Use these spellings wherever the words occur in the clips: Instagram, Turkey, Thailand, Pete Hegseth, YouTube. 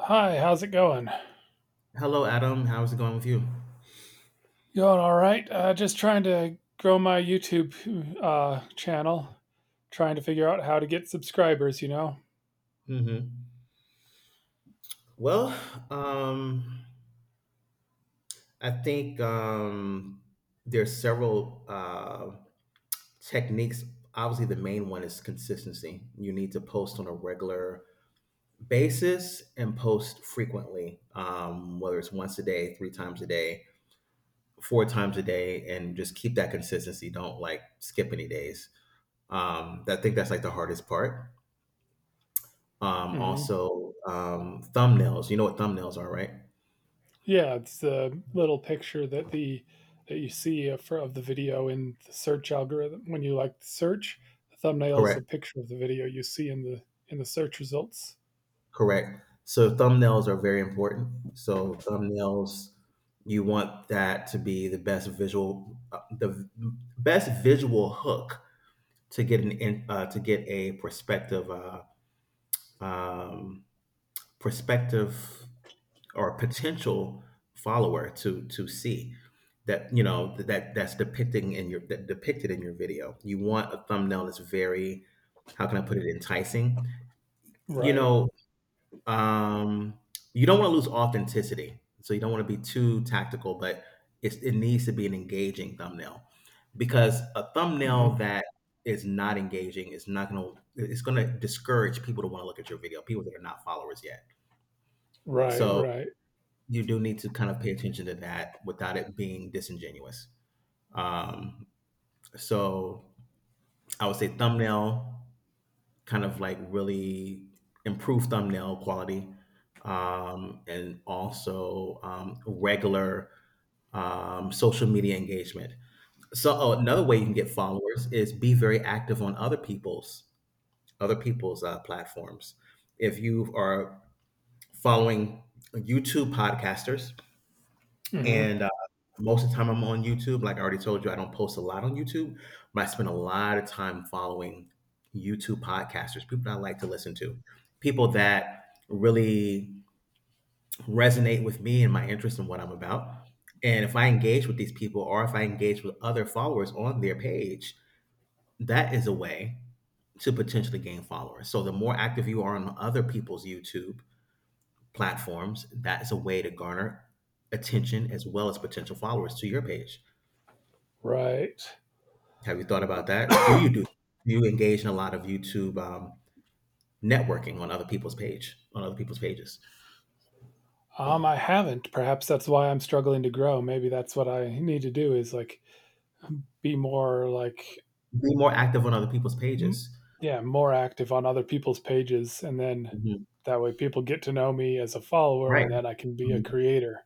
Hi, how's it going? Hello, Adam. How's it going with you? Going all right. Just trying to grow my YouTube channel, trying to figure out how to get subscribers. You know. Hmm. Well, um, I think there's several techniques. Obviously, the main one is consistency. You need to post on a regular basis and post frequently, whether it's once a day, three times a day, four times a day, and just keep that consistency. Don't like skip any days. I think that's like the hardest part. Um, hmm also, um, thumbnails. You know what thumbnails are, right? Yeah, it's the little picture that the that you see of the video in the search algorithm when you like search. The thumbnail is the Correct. picture of the video you see in the search results. Correct. So thumbnails are very important. So thumbnails, you want that to be the best visual, best visual hook to get to get a prospective um, prospective or potential follower to see that you know that that depicted in your video. You want a thumbnail that's very, how can I put it, enticing? You Right. know. Um, you don't want to lose authenticity, so you don't want to be too tactical, but it needs to be an engaging thumbnail, because a hmm thumbnail that is not engaging is not going to it's going to discourage people to want to look at your video, people that are not followers yet. Right. So Right. you do need to kind of pay attention to that without it being disingenuous. Um, so I would say thumbnail, kind of like really improve thumbnail quality, and also regular social media engagement. So oh, another way you can get followers is be very active on other people's platforms. If you are following YouTube podcasters, hmm and most of the time I'm on YouTube. Like I already told you, I don't post a lot on YouTube, but I spend a lot of time following YouTube podcasters, people that I like to listen to, people that really resonate with me and my interest in what I'm about. And if I engage with these people or if I engage with other followers on their page, that is a way to potentially gain followers. So the more active you are on other people's YouTube platforms, that's a way to garner attention, as well as potential followers to your page. Right. Have you thought about that? Do you engage in a lot of YouTube networking on other people's page on other people's pages? I haven't. Perhaps that's why I'm struggling to grow. Maybe that's what I need to do is like be more like Be more active on other people's pages. yeah, more active on other people's pages, and then Mhm. that way people get to know me as a follower, Right, and then I can be a mhm, creator.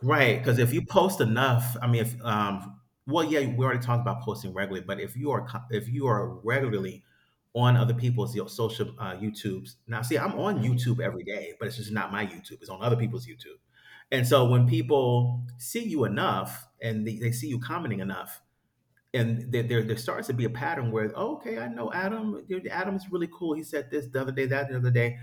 right. Because if you post enough, I mean, if well, yeah, we already talked about posting regularly, but if you are if you are regularly on other people's, you, social YouTubes. Now, see, I'm on YouTube every day, but it's just not my YouTube. It's on other people's YouTube. And so when people see you enough and they see you commenting enough, and there starts to be a pattern where, oh, okay, I know Adam, Adam's really cool, he said this the other day,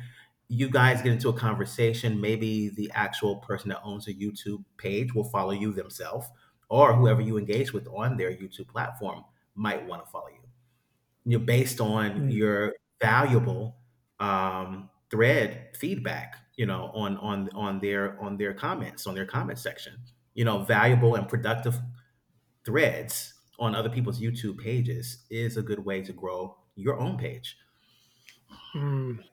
you guys get into a conversation. Maybe the actual person that owns a YouTube page will follow you themselves, or whoever you engage with on their YouTube platform might want to follow you, you know, based on Hmm. your valuable thread feedback, you know, on their comments, on their comment section. You know, valuable and productive threads on other people's YouTube pages is a good way to grow your own page. Mm,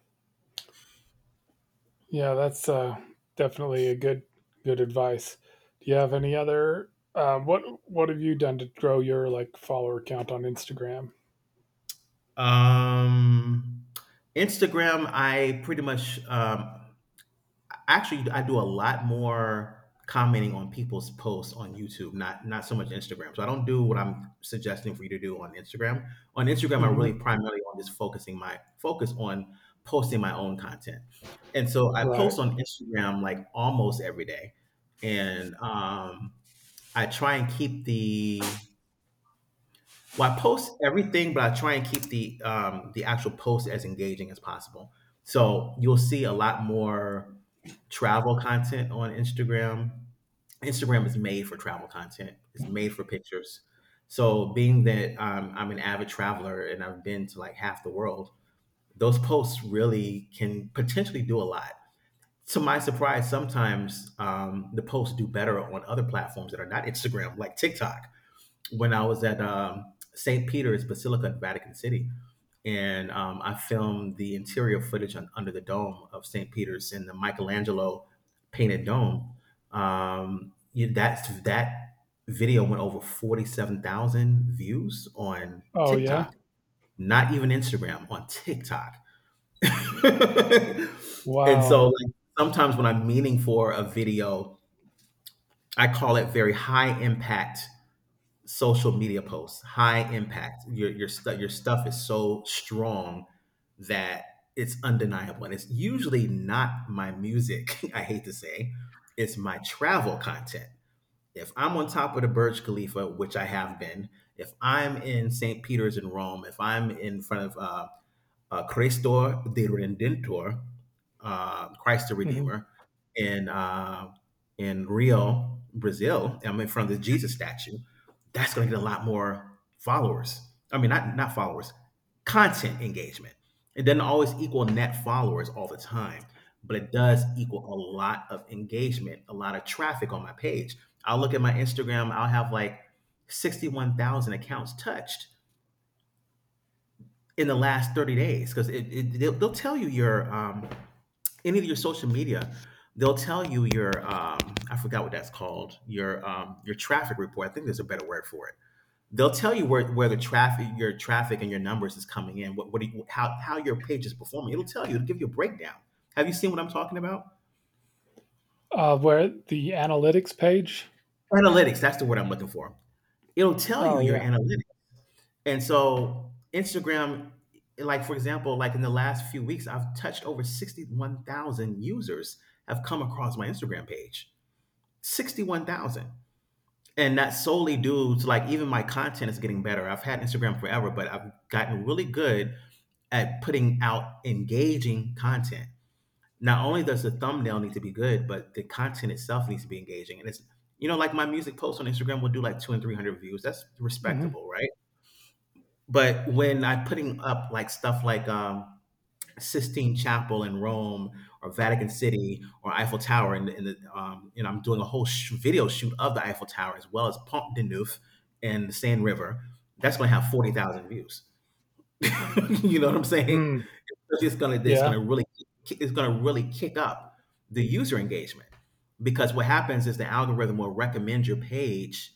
yeah, that's definitely a good advice. Do you have any other what have you done to grow your like follower count on Instagram? Um, Instagram, I pretty much actually I do a lot more commenting on people's posts on YouTube, not so much Instagram. So I don't do what I'm suggesting for you to do on Instagram. On Instagram, I Hmm. really primarily on just focusing my focus on posting my own content. And so I Right. post on Instagram like almost every day. And I try and keep the, well, I post everything, but I try and keep the, the actual post as engaging as possible. So you'll see a lot more travel content on Instagram. Instagram is made for travel content. It's made for pictures. So being that I'm an avid traveler and I've been to like half the world, those posts really can potentially do a lot. To my surprise, sometimes the posts do better on other platforms that are not Instagram, like TikTok, when I was at St. Peter's Basilica in Vatican City. And I filmed the interior footage on, under the dome of St. Peter's, in the Michelangelo painted dome. That video went over 47,000 views on Oh yeah. TikTok, not even Instagram, on TikTok. And Wow. so, like, sometimes when I'm meaning for a video, I call it very high impact social media posts, high impact. Your stuff is so strong that it's undeniable, and it's usually not my music. I hate to say, it's my travel content. If I'm on top of the Burj Khalifa, which I have been, if I'm in St. Peter's in Rome, if I'm in front of Christor the Redentor, Christ the Hmm. Redeemer, in uh, in Rio, Brazil. I'm in front of the Jesus statue. That's going to get a lot more followers. I mean, not followers, content engagement. It doesn't always equal net followers all the time, but it does equal a lot of engagement, a lot of traffic on my page. I'll look at my Instagram. I'll have like 61,000 accounts touched in the last 30 days, because they'll tell you your any of your social media, they'll tell you your I forgot what that's called, your traffic report. I think there's a better word for it. They'll tell you where the traffic, your traffic and your numbers is coming in, what do you, how your page is performing. It'll tell you, it'll give you a breakdown. Have you seen what I'm talking about? Where the analytics page? Analytics, that's the word I'm looking for. It'll tell you Oh your yeah. analytics. And so Instagram, like for example, like in the last few weeks, I've touched over 61,000 users have come across my Instagram page. 61,000. And that's solely due to like even my content is getting better. I've had Instagram forever, but I've gotten really good at putting out engaging content. Not only does the thumbnail need to be good, but the content itself needs to be engaging. And it's, you know, like my music posts on Instagram will do like two and 300 views. That's Hmm. respectable, right? But when I'm putting up, like, stuff like, Sistine Chapel in Rome or Vatican City or Eiffel Tower, and you know, I'm doing a whole sh video shoot of the Eiffel Tower, as well as Pont de Neuf and the Seine River. That's gonna have 40,000 views. You know what I'm saying? Mm, It's just gonna it's yeah. gonna really, it's gonna really kick up the user engagement, because what happens is the algorithm will recommend your page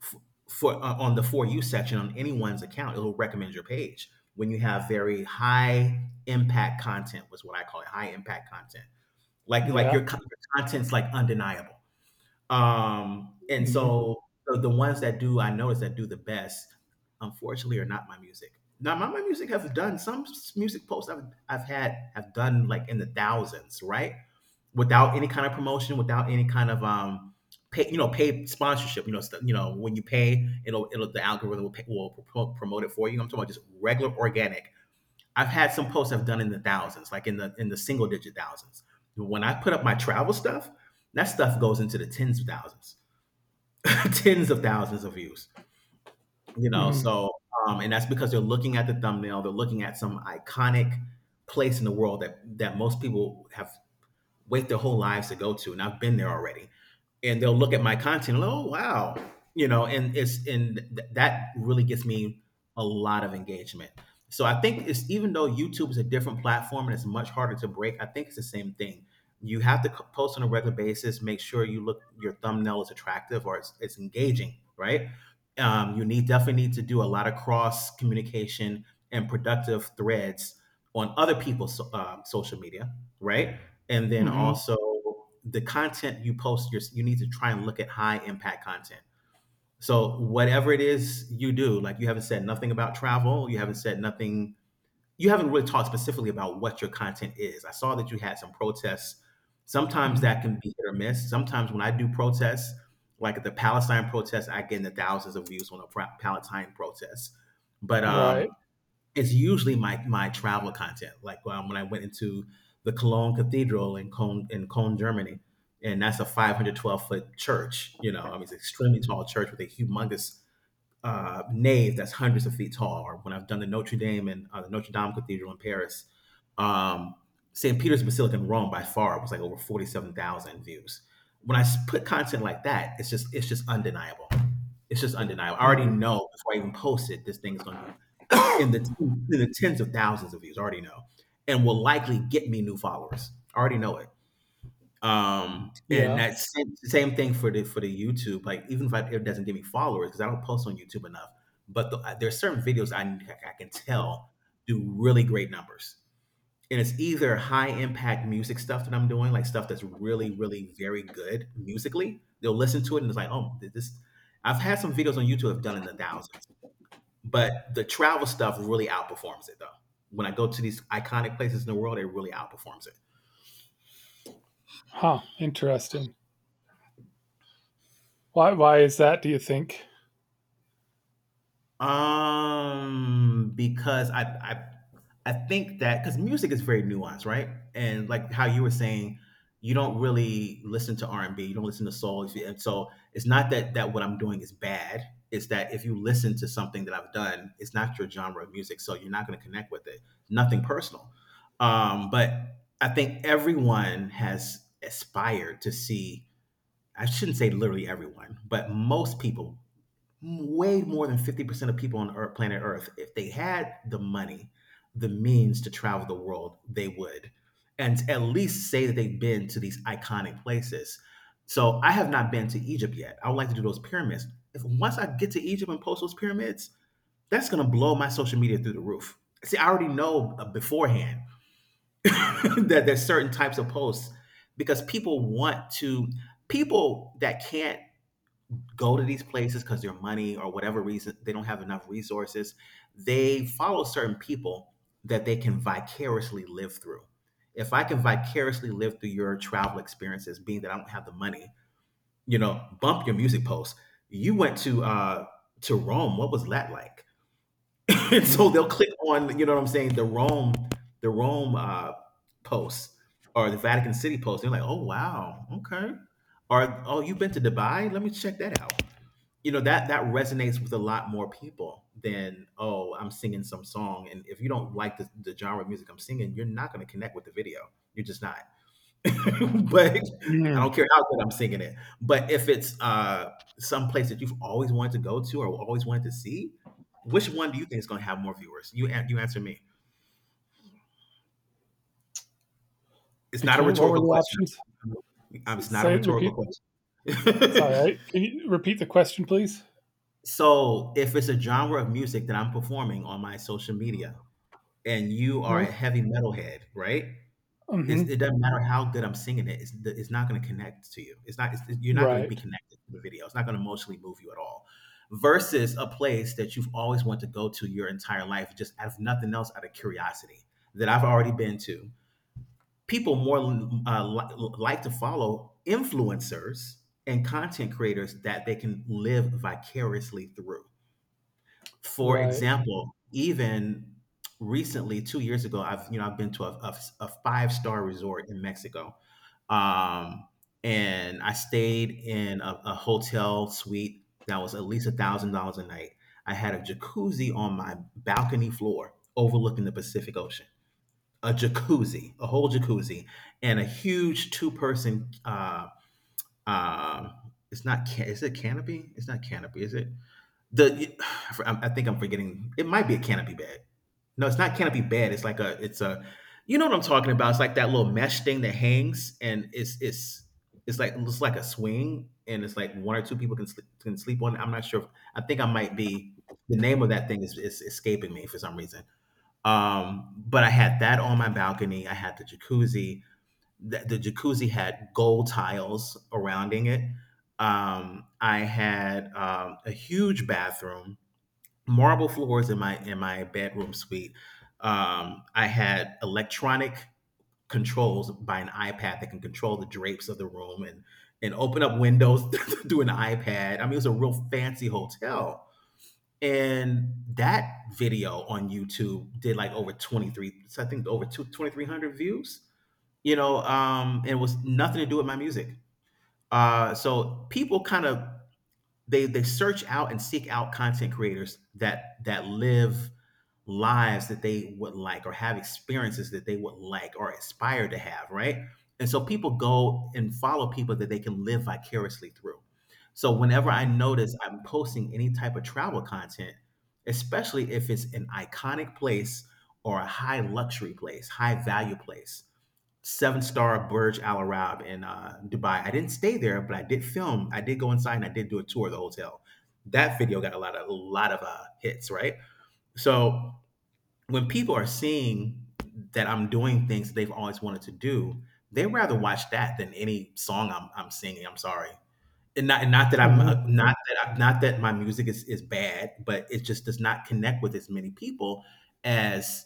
f- for on the for you section on anyone's account. It'll recommend your page when you have very high impact content, was what I call it, high impact content, like Yeah. Your content's like undeniable. And Mm-hmm. so the ones that do I notice that do the best, unfortunately, are not my music. Now my music have done some music posts I've had, have done like in the thousands, right, without any kind of promotion, without any kind of pay, you know, paid sponsorship. You know, you know, when you pay, it'll the algorithm will, pay, will promote it for you. I'm talking about just regular organic. I've had some posts I've done in the thousands, like in the single digit thousands. When I put up my travel stuff, that stuff goes into the tens of thousands, tens of thousands of views. You know, Hmm. so and that's because they're looking at the thumbnail, they're looking at some iconic place in the world that most people have wait their whole lives to go to, and I've been there already. And they'll look at my content, and, oh wow, you know, and that really gets me a lot of engagement. So I think it's, even though YouTube is a different platform and it's much harder to break, I think it's the same thing. You have to post on a regular basis, make sure your thumbnail is attractive, or it's engaging, right? You need definitely need to do a lot of cross communication and productive threads on other people's social media, right? And then Mhm, also, the content you post, you need to try and look at high impact content. So whatever it is you do, like, you haven't said nothing about travel, you haven't said nothing. You haven't really talked specifically about what your content is. I saw that you had some protests. Sometimes mhm, that can be hit or miss. Sometimes when I do protests, like at the Palestine protests, I get in the thousands of views on a Palestine protest, but right, it's usually my travel content. Like, when I went into the Cologne Cathedral in Cologne, Germany, and that's a 512-foot church. You know, I mean, it's an extremely tall church with a humongous nave that's hundreds of feet tall. Or when I've done the Notre Dame Cathedral in Paris. um, St. Peter's Basilica in Rome by far was like over 47,000 views. When I put content like that, it's just undeniable. It's just undeniable. I already mm, know before I even post it, this thing is going to do in the tens of thousands of views. I already know, and will likely get me new followers. I already know it. And yeah, that same thing for the YouTube. Like, even if I, it doesn't give me followers because I don't post on YouTube enough, but there's certain videos I can tell do really great numbers. And it's either high impact music stuff that I'm doing, like stuff that's really, really very good musically. They'll listen to it and it's like, oh, this. I've had some videos on YouTube I've done in the thousands, but the travel stuff really outperforms it though. When I go to these iconic places in the world, it really outperforms it. huh, interesting. Why is that, do you think? Because I think that because music is very nuanced, right? And like how you were saying, you don't really listen to R and B, you don't listen to soul, if you- and so it's not that that what I'm doing is bad. It's that if you listen to something that I've done, it's not your genre of music, so you're not going to connect with it. Nothing personal, but I think everyone has aspired to see. I shouldn't say literally everyone, but most people. Way more than 50% of people on Earth, planet Earth, if they had the money, the means to travel the world, they would. And at least say that they've been to these iconic places. So I have not been to Egypt yet. I would like to do those pyramids. If once I get to Egypt and post those pyramids, that's going to blow my social media through the roof. See, I already know, beforehand, that there's certain types of posts because people that can't go to these places, because their money, or whatever reason, they don't have enough resources, they follow certain people that they can vicariously live through. If I can vicariously live through your travel experiences, being that I don't have the money, bump your music post. You went to Rome, what was that like? And so Mm, they'll click on, you know what I'm saying, the Rome, the Rome post, or the Vatican City post. They're like, oh, wow, okay. Or, oh, you've been to Dubai, let me check that out. You know, that that resonates with a lot more people than, oh, I'm singing some song, and if you don't like the genre of music I'm singing, you're not going to connect with the video. You're just not. But I mm, don't care how good I'm singing it, but if it's some place that you've always wanted to go to or always wanted to see, which one do you think is going to have more viewers? You you answer me. It's not a between what were rhetorical the question. options? S It's not a say rhetorical repeat. question. Sorry, I can you repeat the question, please? So if it's a genre of music that I'm performing on my social media, and you are a No. heavy metal head, right? Mhm, It doesn't matter how good I'm singing it. It's not going to connect to you. It's not. You're not going to be right, connected to the video. It's not going to emotionally move you at all. Versus a place that you've always wanted to go to your entire life, just out of nothing else, out of curiosity, that I've already been to. People more like to follow influencers and content creators that they can live vicariously through. For right, example, even recently, 2 years ago, I've been to a five-star resort in Mexico, um, and I stayed in a hotel suite that was at least $1,000 a night. I had a jacuzzi on my balcony floor overlooking the Pacific Ocean. A jacuzzi, a whole jacuzzi, and a huge two-person, um it's not, ca is it canopy? It's not canopy, is it? The, I think I'm forgetting. It might be a canopy bag. No, it's not canopy bed. It's like a, it's a you know what I'm talking about. It's like that little mesh thing that hangs, and it's like a swing, and it's like one or two people can sleep on it. I'm not sure. I think I might be. The name of that thing is escaping me for some reason. But I had that on my balcony. I had the jacuzzi. The jacuzzi had gold tiles surrounding it. I had a huge bathroom, marble floors in my bedroom suite. I had electronic controls by an iPad that can control the drapes of the room, and open up windows through an iPad. I mean, it was a real fancy hotel. And that video on YouTube did like over 23, so I think over two twenty three hundred views. You know, And it was nothing to do with my music. So people kind of, they search out and seek out content creators that live lives that they would like, or have experiences that they would like or aspire to have, right? And so people go and follow people that they can live vicariously through. So whenever I mhm, notice I'm posting any type of travel content, especially if it's an iconic place, or a high luxury place, high value place, seven-star Burj Al Arab in Dubai. I didn't stay there, but I did film. I did go inside and I did do a tour of the hotel. That video got a lot of hits, right? So when people are seeing that I'm doing things they've always wanted to do, they rather watch that than any song I'm singing. I'm sorry, and not that I'm, mhm, not that not that my music is bad, but it just does not connect with as many people as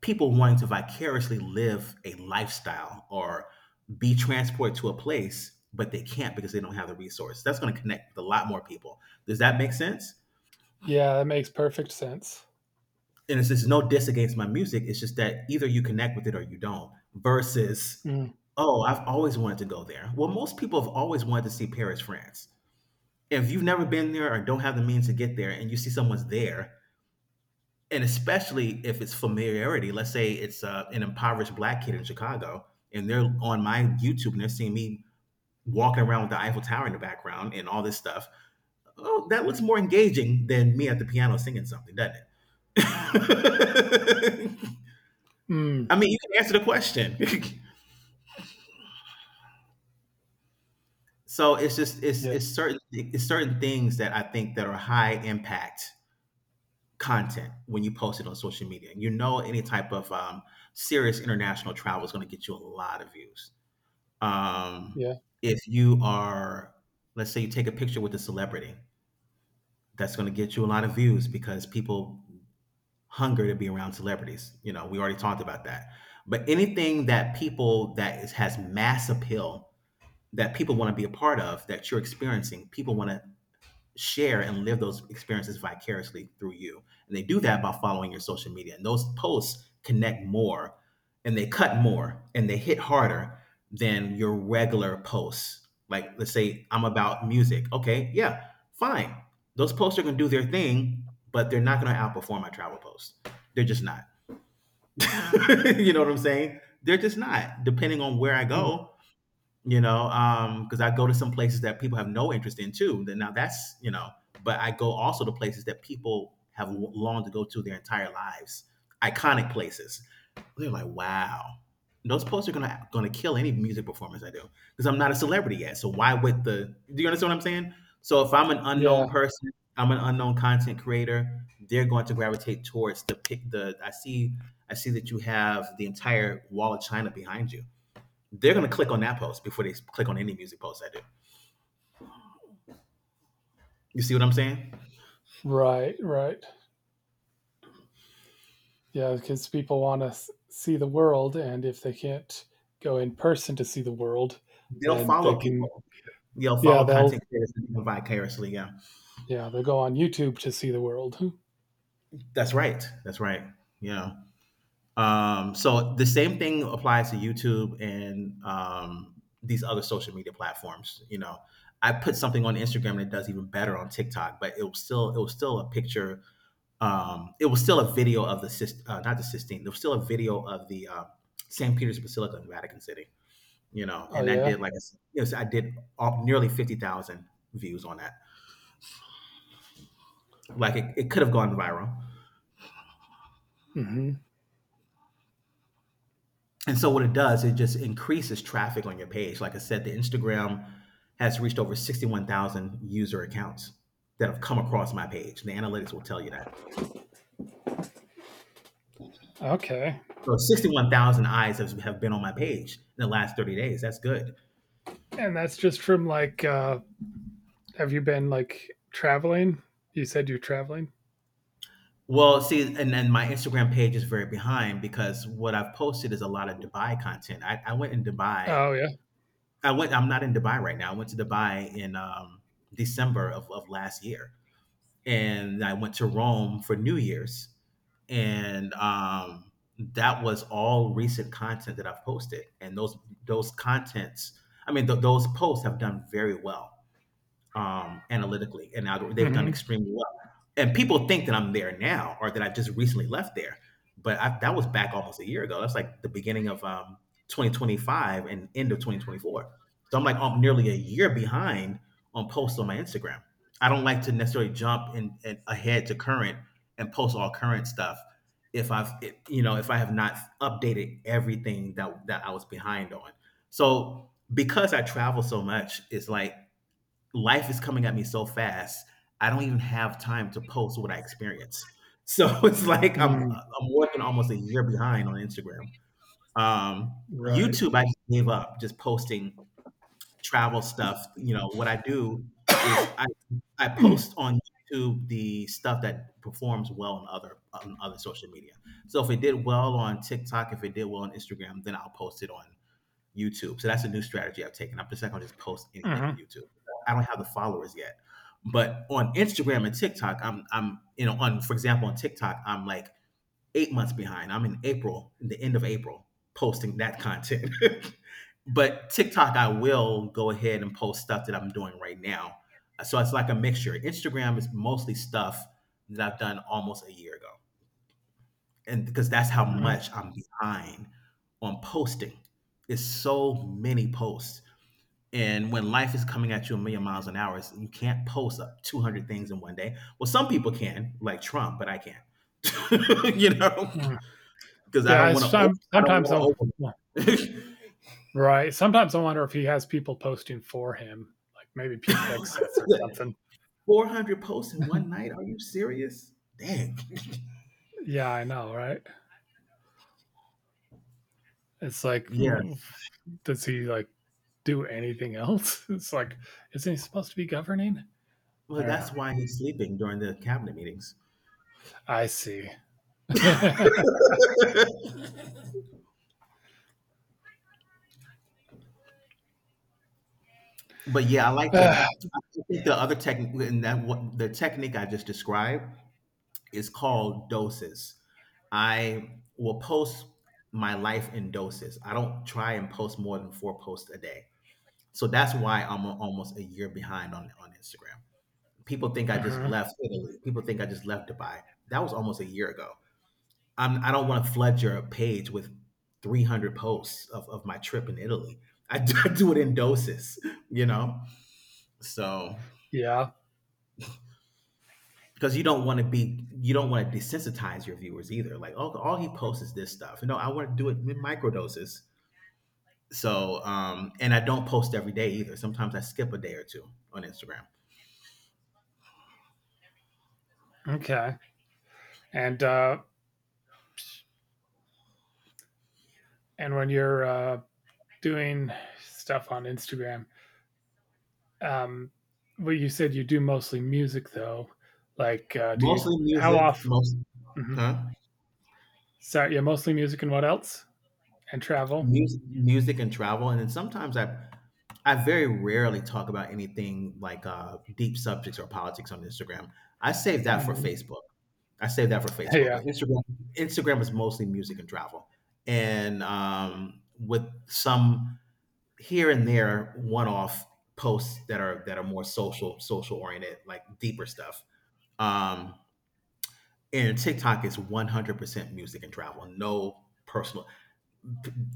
people wanting to vicariously live a lifestyle or be transported to a place, but they can't because they don't have the resource. That's going to connect with a lot more people. Does that make sense? yeah, that makes perfect sense. And it's just no diss against my music. It's just that either you connect with it or you don't. Versus, Mm, oh, I've always wanted to go there. Well, most people have always wanted to see Paris, France. If you've never been there or don't have the means to get there, and you see someone's there, and especially if it's familiarity, let's say it's an impoverished black kid in Chicago, and they're on my YouTube and they're seeing me walking around with the Eiffel Tower in the background and all this stuff. Oh, that looks more engaging than me at the piano singing something, doesn't it? mm, I mean, you can answer the question. So it's just yeah, it's certain things that I think that are high impact content when you post it on social media. You know, any type of serious international travel is going to get you a lot of views. Um, yeah, if you are, let's say, you take a picture with a celebrity, that's going to get you a lot of views because people hunger to be around celebrities. You know, we already talked about that. But anything that people, that is, has mass appeal, that people want to be a part of that you're experiencing. People want to share and live those experiences vicariously through you. And they do that by following your social media. And those posts connect more, and they cut more, and they hit harder than your regular posts. Like, let's say I'm about music. Okay, yeah, fine. Those posts are going to do their thing, but they're not going to outperform my travel posts. They're just not. You know what I'm saying? They're just not. Depending on where I mm, go, you know, because I go to some places that people have no interest in too. Then now that's but I go also to places that people have longed to go to their entire lives, iconic places. They're like, wow, those posts are gonna kill any music performance I do because I'm not a celebrity yet. So why would the? Do you understand what I'm saying? So if I'm an yeah, unknown person, I'm an unknown content creator. They're going to gravitate towards the pick. I see that you have the entire wall of China behind you. They're going to click on that post before they click on any music post I do. You see what I'm saying? right, right. Yeah. Because people wanna see the world, and if they can't go in person to see the world, They'll then they follow can. people. They'll Yeah, follow they'll content creators vicariously. Yeah, yeah, they'll go on YouTube to see the world. that's right. That's right. Yeah. So the same thing applies to YouTube and these other social media platforms. I put something on Instagram and it does even better on TikTok, but it was still a picture. It was still a video of the not the Sistine. It was still a video of the St. Peter's Basilica in Vatican City. Oh And I did, yeah. like I said, so I did all, nearly 50,000 views on that. Like it could have gone viral. hmm And so what it does, it just increases traffic on your page. Like I said, the Instagram has reached over 61,000 user accounts that have come across my page. The analytics will tell you that. Okay. So 61,000 eyes have been on my page in the last 30 days. That's good. And that's just from like have you been like traveling? You said you're traveling? Well, see, and then my Instagram page is very behind because what I've posted is a lot of Dubai content. I went in Dubai. Oh yeah. I went. I'm not in Dubai right now. I went to Dubai in December of last year, and I went to Rome for New Year's, and that was all recent content that I've posted, and those contents. I mean, those posts have done very well analytically, and now they've done hmm extremely well. And people think that I'm there now, or that I just recently left there, but that was back almost a year ago. That's like the beginning of 2025 and end of 2024. So I'm like I'm nearly a year behind on posts on my Instagram. I don't like to necessarily jump in ahead to current and post all current stuff if I've it- you know if I have not updated everything that I was behind on. So because I travel so much, it's like life is coming at me so fast. I don't even have time to post what I experience. So it's like I'm Mm, I'm working almost a year behind on Instagram. Um, right. YouTube, I just gave up just posting travel stuff. You know what I do is I post on YouTube the stuff that performs well on other social media. So if it did well on TikTok, if it did well on Instagram, then I'll post it on YouTube. So that's a new strategy I've taken. I'm just not going to just post anything on hmm YouTube. I don't have the followers yet. But on Instagram and TikTok, I'm you know on, for example, on TikTok, I'm like eight months behind. I'm in April, in the end of April, posting that content. but TikTok, I will go ahead and post stuff that I'm doing right now. So it's like a mixture. Instagram is mostly stuff that I've done almost a year ago, and because that's how hmm much I'm behind on posting. It's so many posts. And when life is coming at you a million miles an hour, you can't post up 200 things in one day. Well, some people can, like Trump, but I can't. you know, because I Yeah, don't it's want to. Some, I don't sometimes want I'll, yeah, to overload. right. Sometimes I wonder if he has people posting for him, like maybe Pete Hegseth or something. 400 posts in one night? Are you serious? Dang. Yeah, I know, right? It's like, Yeah. oof, does he like do anything else. It's like, isn't he supposed to be governing? I Well, don't know. that's why he's sleeping during the cabinet meetings. I see. But yeah, I like to think the other technique, and that what the technique I just described is called doses. I will post my life in doses. I don't try and post more than four posts a day. So that's why I'm almost a year behind on Instagram. People think I Uh just huh. left Italy. People think I just left Dubai. That was almost a year ago. I don't want to flood your page with 300 posts of my trip in Italy. I do, I do it in doses, you know? So Yeah. because you don't want to desensitize your viewers either, like, oh, all he posts is this stuff, you know, I want to do it in microdoses. So and I don't post every day either, sometimes I skip a day or two on Instagram. Okay. And when you're doing stuff on Instagram, um, well, you said you do mostly music though. Do you Mostly How music, off? most Hmm. huh. Sorry, yeah, mostly music and what else? And travel. Music, music and travel, and then sometimes I very rarely talk about anything like deep subjects or politics on Instagram. I save that for Hmm. Facebook. I saved that for Facebook, Yeah. but Instagram is mostly music and travel, and with some here and there one off posts that are more social oriented, like deeper stuff. Um, and TikTok is 100% music and travel, no personal,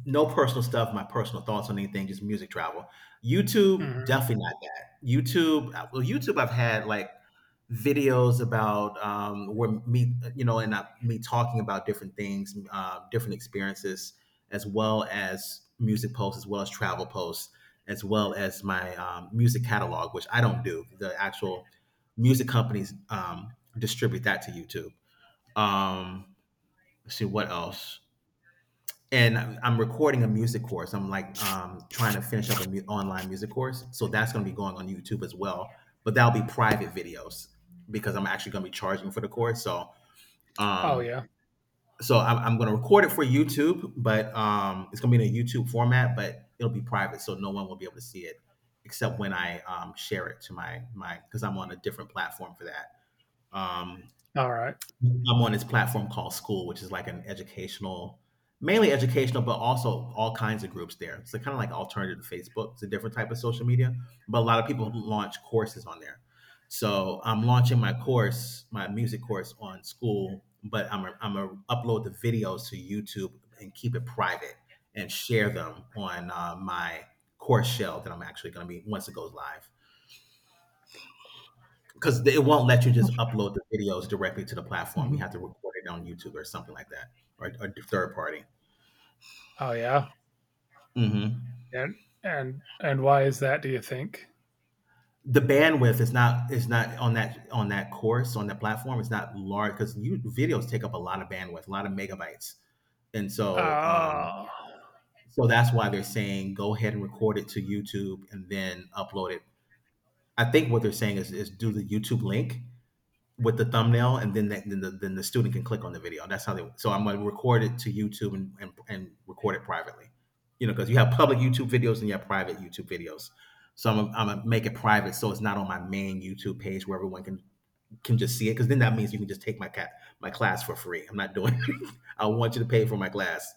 no personal stuff. My personal thoughts on anything, just music, travel. YouTube Hmm. definitely not that. YouTube I've had like videos about where me, you know, and me talking about different things, different experiences, as well as music posts, as well as travel posts, as well as my music catalog, which I don't do. The actual music companies distribute that to YouTube. Um, let's see what else, and I'm recording a music course. I'm like trying to finish up an online music course, so that's going to be going on YouTube as well. But that'll be private videos because I'm actually going to be charging for the course. So, Oh um, yeah. so I'm going to record it for YouTube, but it's going to be in a YouTube format, but it'll be private, so no one will be able to see it except when I share it to my, because I'm on a different platform for that. Um, All right. I'm on this platform called School, which is like an educational, mainly educational, but also all kinds of groups there. It's kind of like alternative to Facebook. It's a different type of social media, but a lot of people launch courses on there. So I'm launching my course, my music course on School, but I'm gonna upload the videos to YouTube and keep it private and share them on my course shell that I'm actually gonna be once it goes live, because it won't let you just upload the videos directly to the platform. You Mhm. have to record it on YouTube or something like that, or a third party. Oh yeah. Hmm. And why is that? Do you think? The bandwidth is not on that course, on that platform. It's not large because you videos take up a lot of bandwidth, a lot of megabytes, and so Oh. so that's why they're saying go ahead and record it to YouTube and then upload it. I think what they're saying is do the YouTube link with the thumbnail, and then that, then the student can click on the video. That's how they. So I'm gonna record it to YouTube and and record it privately, you know, because you have public YouTube videos and you have private YouTube videos. So I'm gonna make it private, so it's not on my main YouTube page where everyone can just see it. Because then that means you can just take my class for free. I'm not doing it. I want you to pay for my class.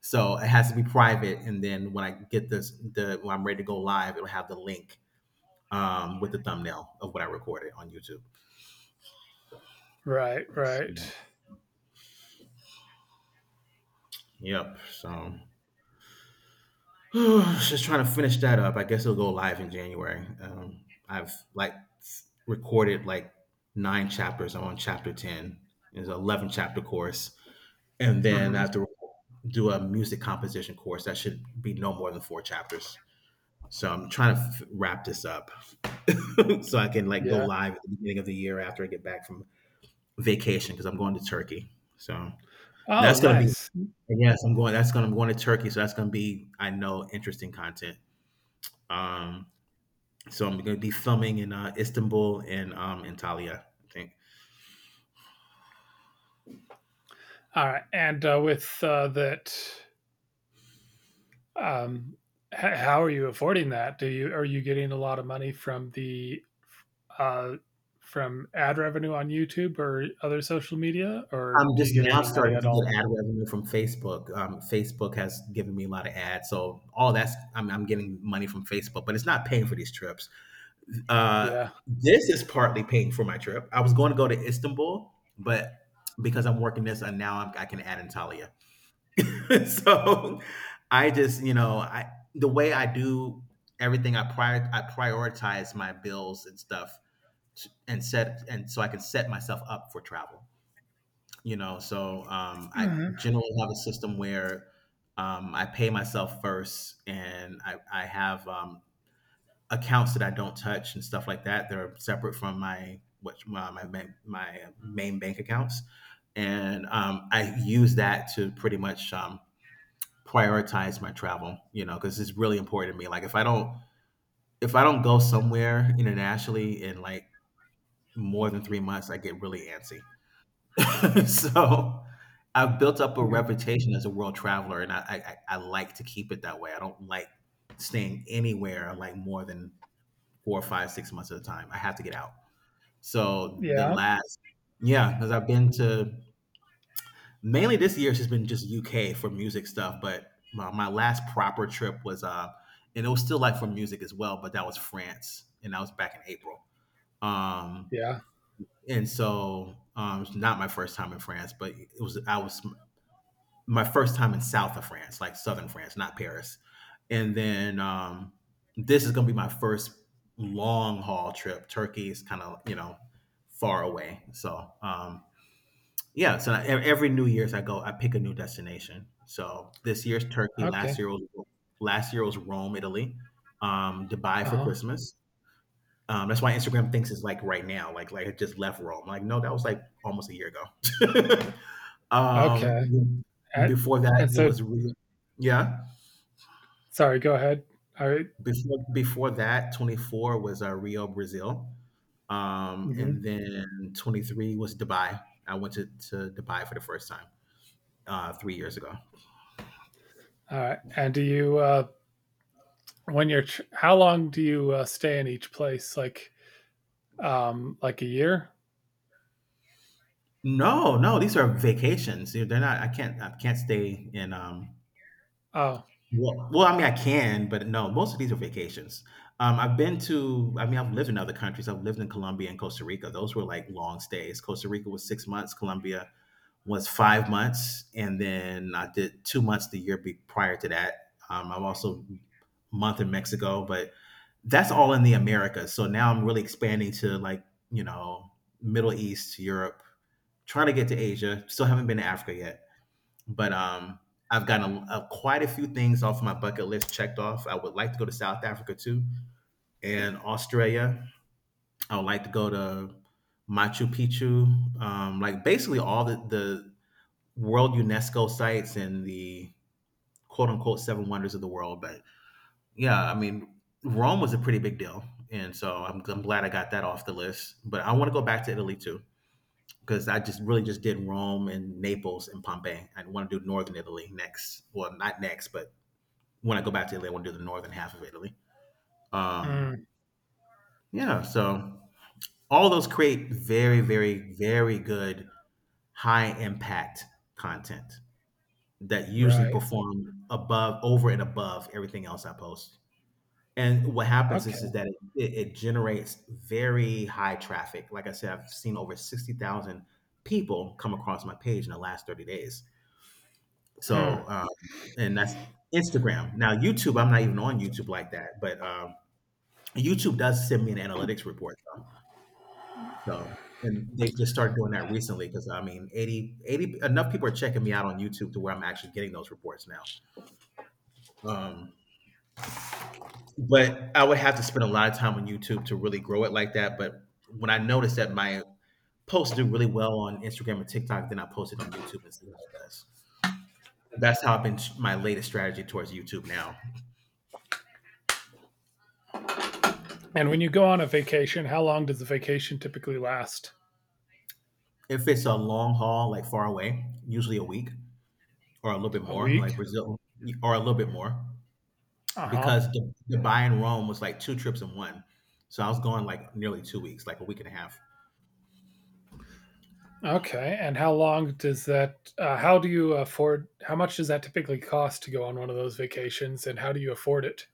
So it has to be private, and then when I get this, the when I'm ready to go live, it'll have the link with the thumbnail of what I recorded on YouTube. Right, right. Yep. So just trying to finish that up. I guess it'll go live in January. I've like recorded like nine chapters. I'm on chapter ten. It's an 11 chapter course, and then I Mhm. have to do a music composition course that should be no more than four chapters. So I'm trying to wrap this up so I can like go Yeah. live at the beginning of the year after I get back from vacation, because I'm going to Turkey. So and Oh, that's gonna be nice. yes, I'm going. That's gonna I'm going to Turkey. So that's gonna be, I know, interesting content. Um, So I'm going to be filming in Istanbul and Antalya, I think. Alright, and, that, um, ho how are you affording that? Do you Are you getting a lot of money from the, uh from ad revenue on YouTube or other social media, I'm or do you just get now any money starting at to get all? ad revenue from Facebook. Facebook has given me a lot of ads, so I'm getting money from Facebook, but it's not paying for these trips. Uh, Yeah. this is partly paying for my trip. I was going to go to Istanbul, but because I'm working this, and now I can add Antalya. So I just, you know, I the way I do everything, I prioritize my bills and stuff and so I can set myself up for travel. You know, so I Mhm. generally have a system where I pay myself first, and I have accounts that I don't touch and stuff like that. They're separate from my what my main bank accounts, and I use that to pretty much prioritize my travel. You know, because it's really important to me. Like if I don't go somewhere internationally in like more than 3 months, I get really antsy. So I've built up a Mm. reputation as a world traveler, and I like to keep it that way. I don't like staying anywhere like more than 4 or 5, 6 months at a time. I have to get out. So the Yeah, last, yeah, because I've been to mainly this year has just been just UK for music stuff. But my last proper trip was and it was still like for music as well, but that was France, and that was back in April. Um, yeah. and so it's not my first time in France, but it was I was my first time in south of France, like southern France, not Paris. And then this is going to be my first long haul trip. Turkey is kind of far away, so yeah. Every New Year's I go, I pick a new destination. So this year's Turkey. Last Okay. year was last year was Rome, Italy. Dubai for Uh-huh. Christmas. That's why Instagram thinks it's like right now, like it just left Rome. Like no, that was like almost a year ago. Okay. um, And Before that, and it so was Rio. Yeah, Sorry, go ahead. Alright. before that, twenty four was Rio, Brazil, Mhm. and then twenty three was Dubai. I went to Dubai for the first time 3 years ago. All right. And do you how long do you stay in each place? Like a year? No, no, these are vacations. They're not. I can't stay in um, Oh, Well, well, I mean, I can, but no, most of these are vacations. I mean, I've lived in other countries. I've lived in Colombia and Costa Rica. Those were like long stays. Costa Rica was 6 months, Colombia was 5 months, and then I did 2 months the year prior to that. I'm also a month in Mexico, but that's all in the Americas. So now I'm really expanding to like, you know, Middle East, Europe, trying to get to Asia. Still haven't been to Africa yet, but I've gotten quite a few things off my bucket list checked off. I would like to go to South Africa too, and Australia. I would like to go to Machu Picchu, like basically all the world UNESCO sites and the quote unquote seven wonders of the world. But yeah, I mean, Rome was a pretty big deal, and so I'm glad I got that off the list, but I want to go back to Italy too, because I just really just did Rome and Naples and Pompeii. I want to do Northern Italy next. Well, not next, but when I go back to Italy, I want to do the northern half of Italy. Um, mm, yeah, so all those create very, very, very good high impact content that usually right. perform above, over and above everything else I post. And what happens is Okay. that it generates very high traffic. Like I said, I've seen over 60,000 people come across my page in the last 30 days. Hmm. So, and that's Instagram. Now, YouTube, I'm not even on YouTube like that, but YouTube does send me an analytics report though. So, and they just started doing that recently, because I mean, eighty enough people are checking me out on YouTube to where I'm actually getting those reports now. Um, but I would have to spend a lot of time on YouTube to really grow it like that. But when I noticed that my posts do really well on Instagram and TikTok, then I post it on YouTube and see how it does. That's how I've been my latest strategy towards YouTube now. And when you go on a vacation, how long does the vacation typically last? If it's a long haul, like far away, usually a week or a little bit A more, week? like Brazil or a little bit more, Uh-huh. because Dubai and Rome was like two trips in one. So I was going like nearly 2 weeks, like a week and a half. Okay. And how long does that how do you afford how much does that typically cost to go on one of those vacations, and how do you afford it?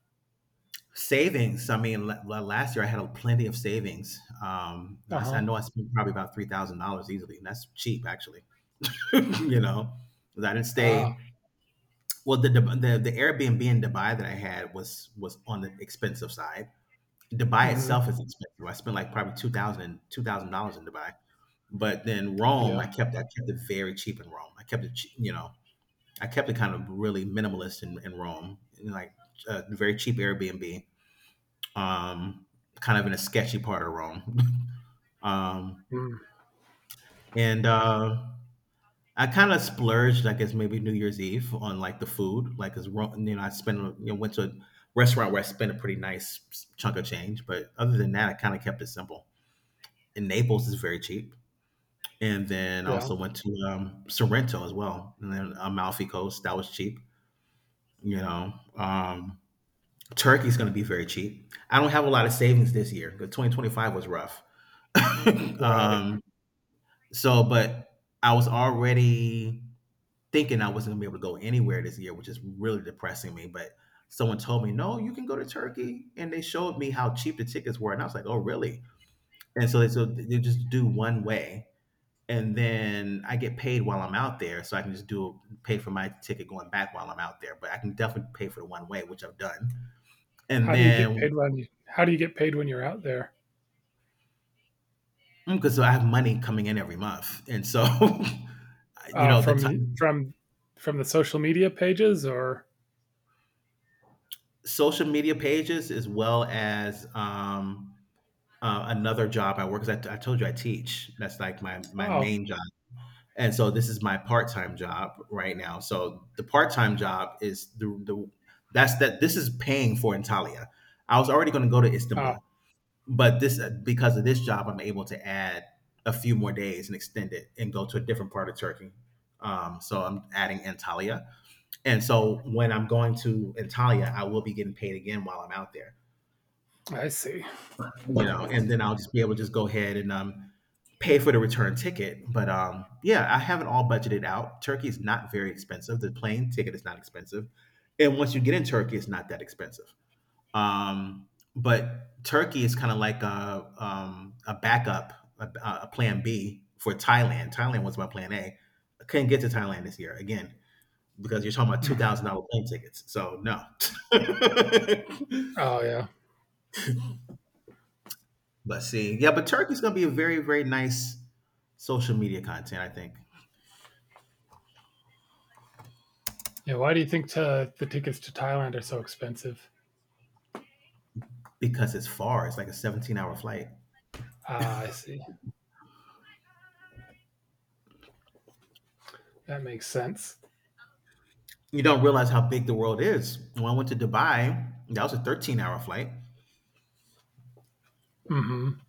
Savings. I mean, last year I had a plenty of savings. I Uh-huh. know I spent probably about $3,000 easily, and that's cheap actually. You know, 'cause I didn't Ah. stay. Well, the Airbnb in Dubai that I had was on the expensive side. Dubai itself Mhm. is expensive. I spent like probably two thousand dollars in Dubai. But then Rome, Yeah. I kept it very cheap in Rome. I kept it, che- you know, I kept it kind of really minimalist in Rome, in like a very cheap Airbnb, um, kind of in a sketchy part of Rome. um, Mm, and I kind of splurged, I guess maybe New Year's Eve, on like the food, like because you know I spent you know went to a restaurant where I spent a pretty nice chunk of change, but other than that, I kind of kept it simple. And Naples is very cheap. And then I yeah. also went to Sorrento as well, and then Amalfi Coast. That was cheap, you know. Um, Turkey's going to be very cheap. I don't have a lot of savings this year because 2025 was rough. Right. um, so, but I was already thinking I wasn't going to be able to go anywhere this year, which is really depressing me. But someone told me, no, you can go to Turkey. And they showed me how cheap the tickets were. And I was like, oh, really? And so they just do one way. And then I get paid while I'm out there. So I can just do pay for my ticket going back while I'm out there. But I can definitely pay for the one way, which I've done. And How do you get then, paid when you, how do you get paid when you're out there? because I have money coming in every month, and so, you Uh, know, the from time from from the social media pages, or social media pages as well as, another job I work 'cause I told you I teach. That's like my oh, main job, and so this is my part-time job right now. So the part-time job is the that's that this is paying for Antalya. I was already gonna go to uh, Istanbul, but this, because of this job, I'm able to add a few more days and extend it and go to a different part of Turkey. So I'm adding Antalya, and so when I'm going to Antalya, I will be getting paid again while I'm out there, I see. And then I'll just be able to just go ahead and pay for the return ticket. But yeah, I have it all budgeted out. Turkey is not very expensive. The plane ticket is not expensive, and once you get in Turkey, it's not that expensive. Um, but Turkey is kind of like a backup, a, a plan B for Thailand. Thailand was my plan A. I couldn't get to Thailand this year again because you're talking about two Mhm. thousand dollar plane tickets. So no. Oh yeah, But see, yeah, but Turkey's gonna be a very very nice social media content, I think, yeah. Why do you think the tickets to Thailand are so expensive? because it's far. It's like a 17-hour flight. Ah, I see. That makes sense. You don't realize how big the world is. When I went to Dubai, that was a 13-hour flight. hmm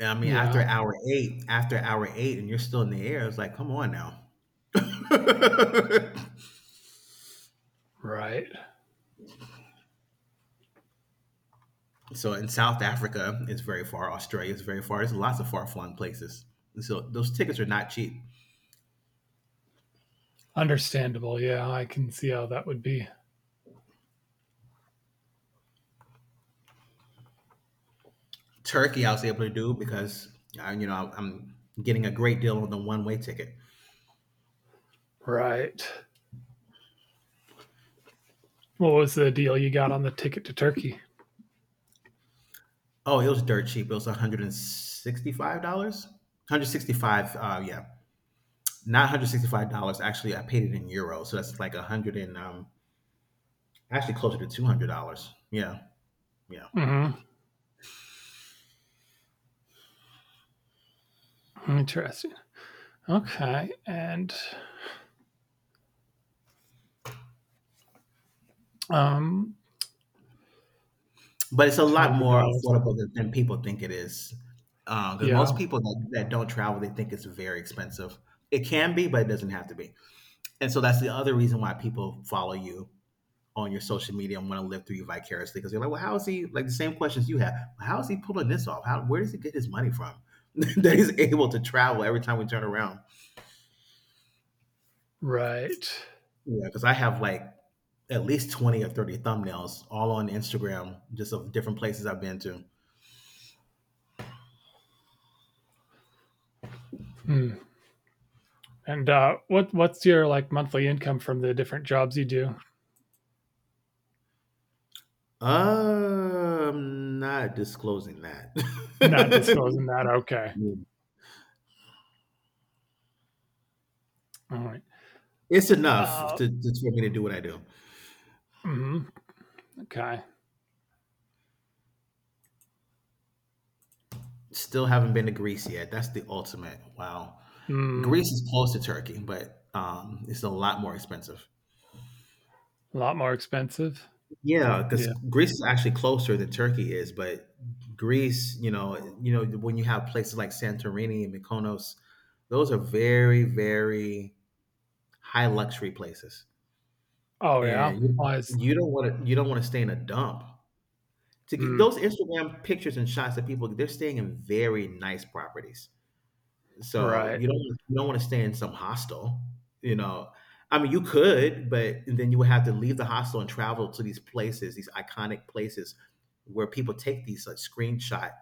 I mean, Yeah. After hour 8 and you're still in the air, it's like, "Come on now." Right. So, in South Africa, it's very far. Australia is very far. There's lots of far-flung places. And so those tickets are not cheap. Understandable. Yeah, I can see how that would be. Turkey, I was able to do because, I'm getting a great deal on the one-way ticket. Right. What was the deal you got on the ticket to Turkey? Oh, it was dirt cheap. It was $165? 165 yeah. Not $165. Actually, I paid it in euros, so that's like a hundred and, actually closer to $200. Yeah, yeah. hmm Interesting. Okay. And um, But it's a two lot hundred more dollars. affordable than people think it is. Because Yeah. most people that don't travel, they think it's very expensive. It can be, but it doesn't have to be. And so that's the other reason why people follow you on your social media and want to live through you vicariously. Because they're like, well, how is he, like the same questions you have, "Well, how is he pulling this off? How, where does he get his money from that he's able to travel every time we turn around?" Right. Yeah, because I have like at least 20 or 30 thumbnails all on Instagram, just of different places I've been to. Hmm. And what's your like monthly income from the different jobs you do? Not disclosing that. Not disclosing that. Okay. All right. It's enough Uh, to for me to do what I do. mhm, okay. Still haven't been to Greece yet. That's the ultimate. Wow. Mm, Greece is close to Turkey, but it's a lot more expensive. a lot more expensive. Yeah, because Yeah. Greece is actually closer than Turkey is, but Greece, when you have places like Santorini and Mykonos, those are very, very high luxury places, Oh yeah. and Why is you don't want to stay in a dump. To get mm, those Instagram pictures and shots that people they're staying in very nice properties. So right? You don't want to stay in some hostel, you know. I mean, you could, but then you would have to leave the hostel and travel to these places, these iconic places where people take these like screenshot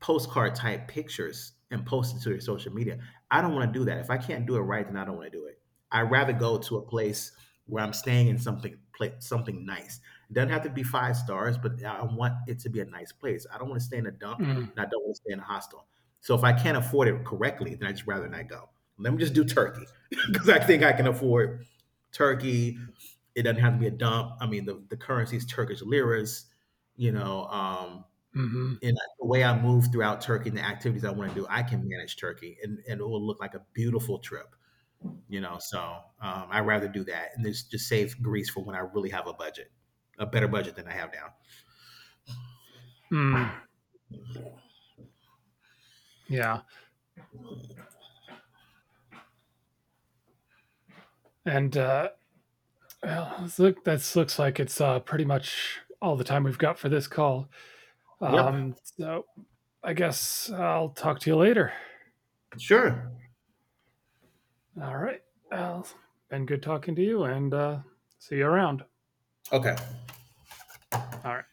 postcard type pictures and post it to your social media. I don't want to do that. If I can't do it right, then I don't want to do it. I'd rather go to a place where I'm staying in something something nice. It doesn't have to be five stars, but I want it to be a nice place. I don't want to stay in a dump Mm, and I don't want to stay in a hostel. So if I can't afford it correctly, then I just rather not go. Let me just do Turkey because I think I can afford Turkey. It doesn't have to be a dump. I mean, the currency is Turkish liras. You know, hmm. and that's the way I move throughout Turkey, and the activities I want to do, I can manage Turkey, and it will look like a beautiful trip. So I rather do that, and this just save Greece for when I really have a budget, a better budget than I have now. Mm, yeah. And well, this look, that looks like it's pretty much all the time we've got for this call. Yep, So I guess I'll talk to you later. sure, All right. Well, been good talking to you, and see you around. okay. All right.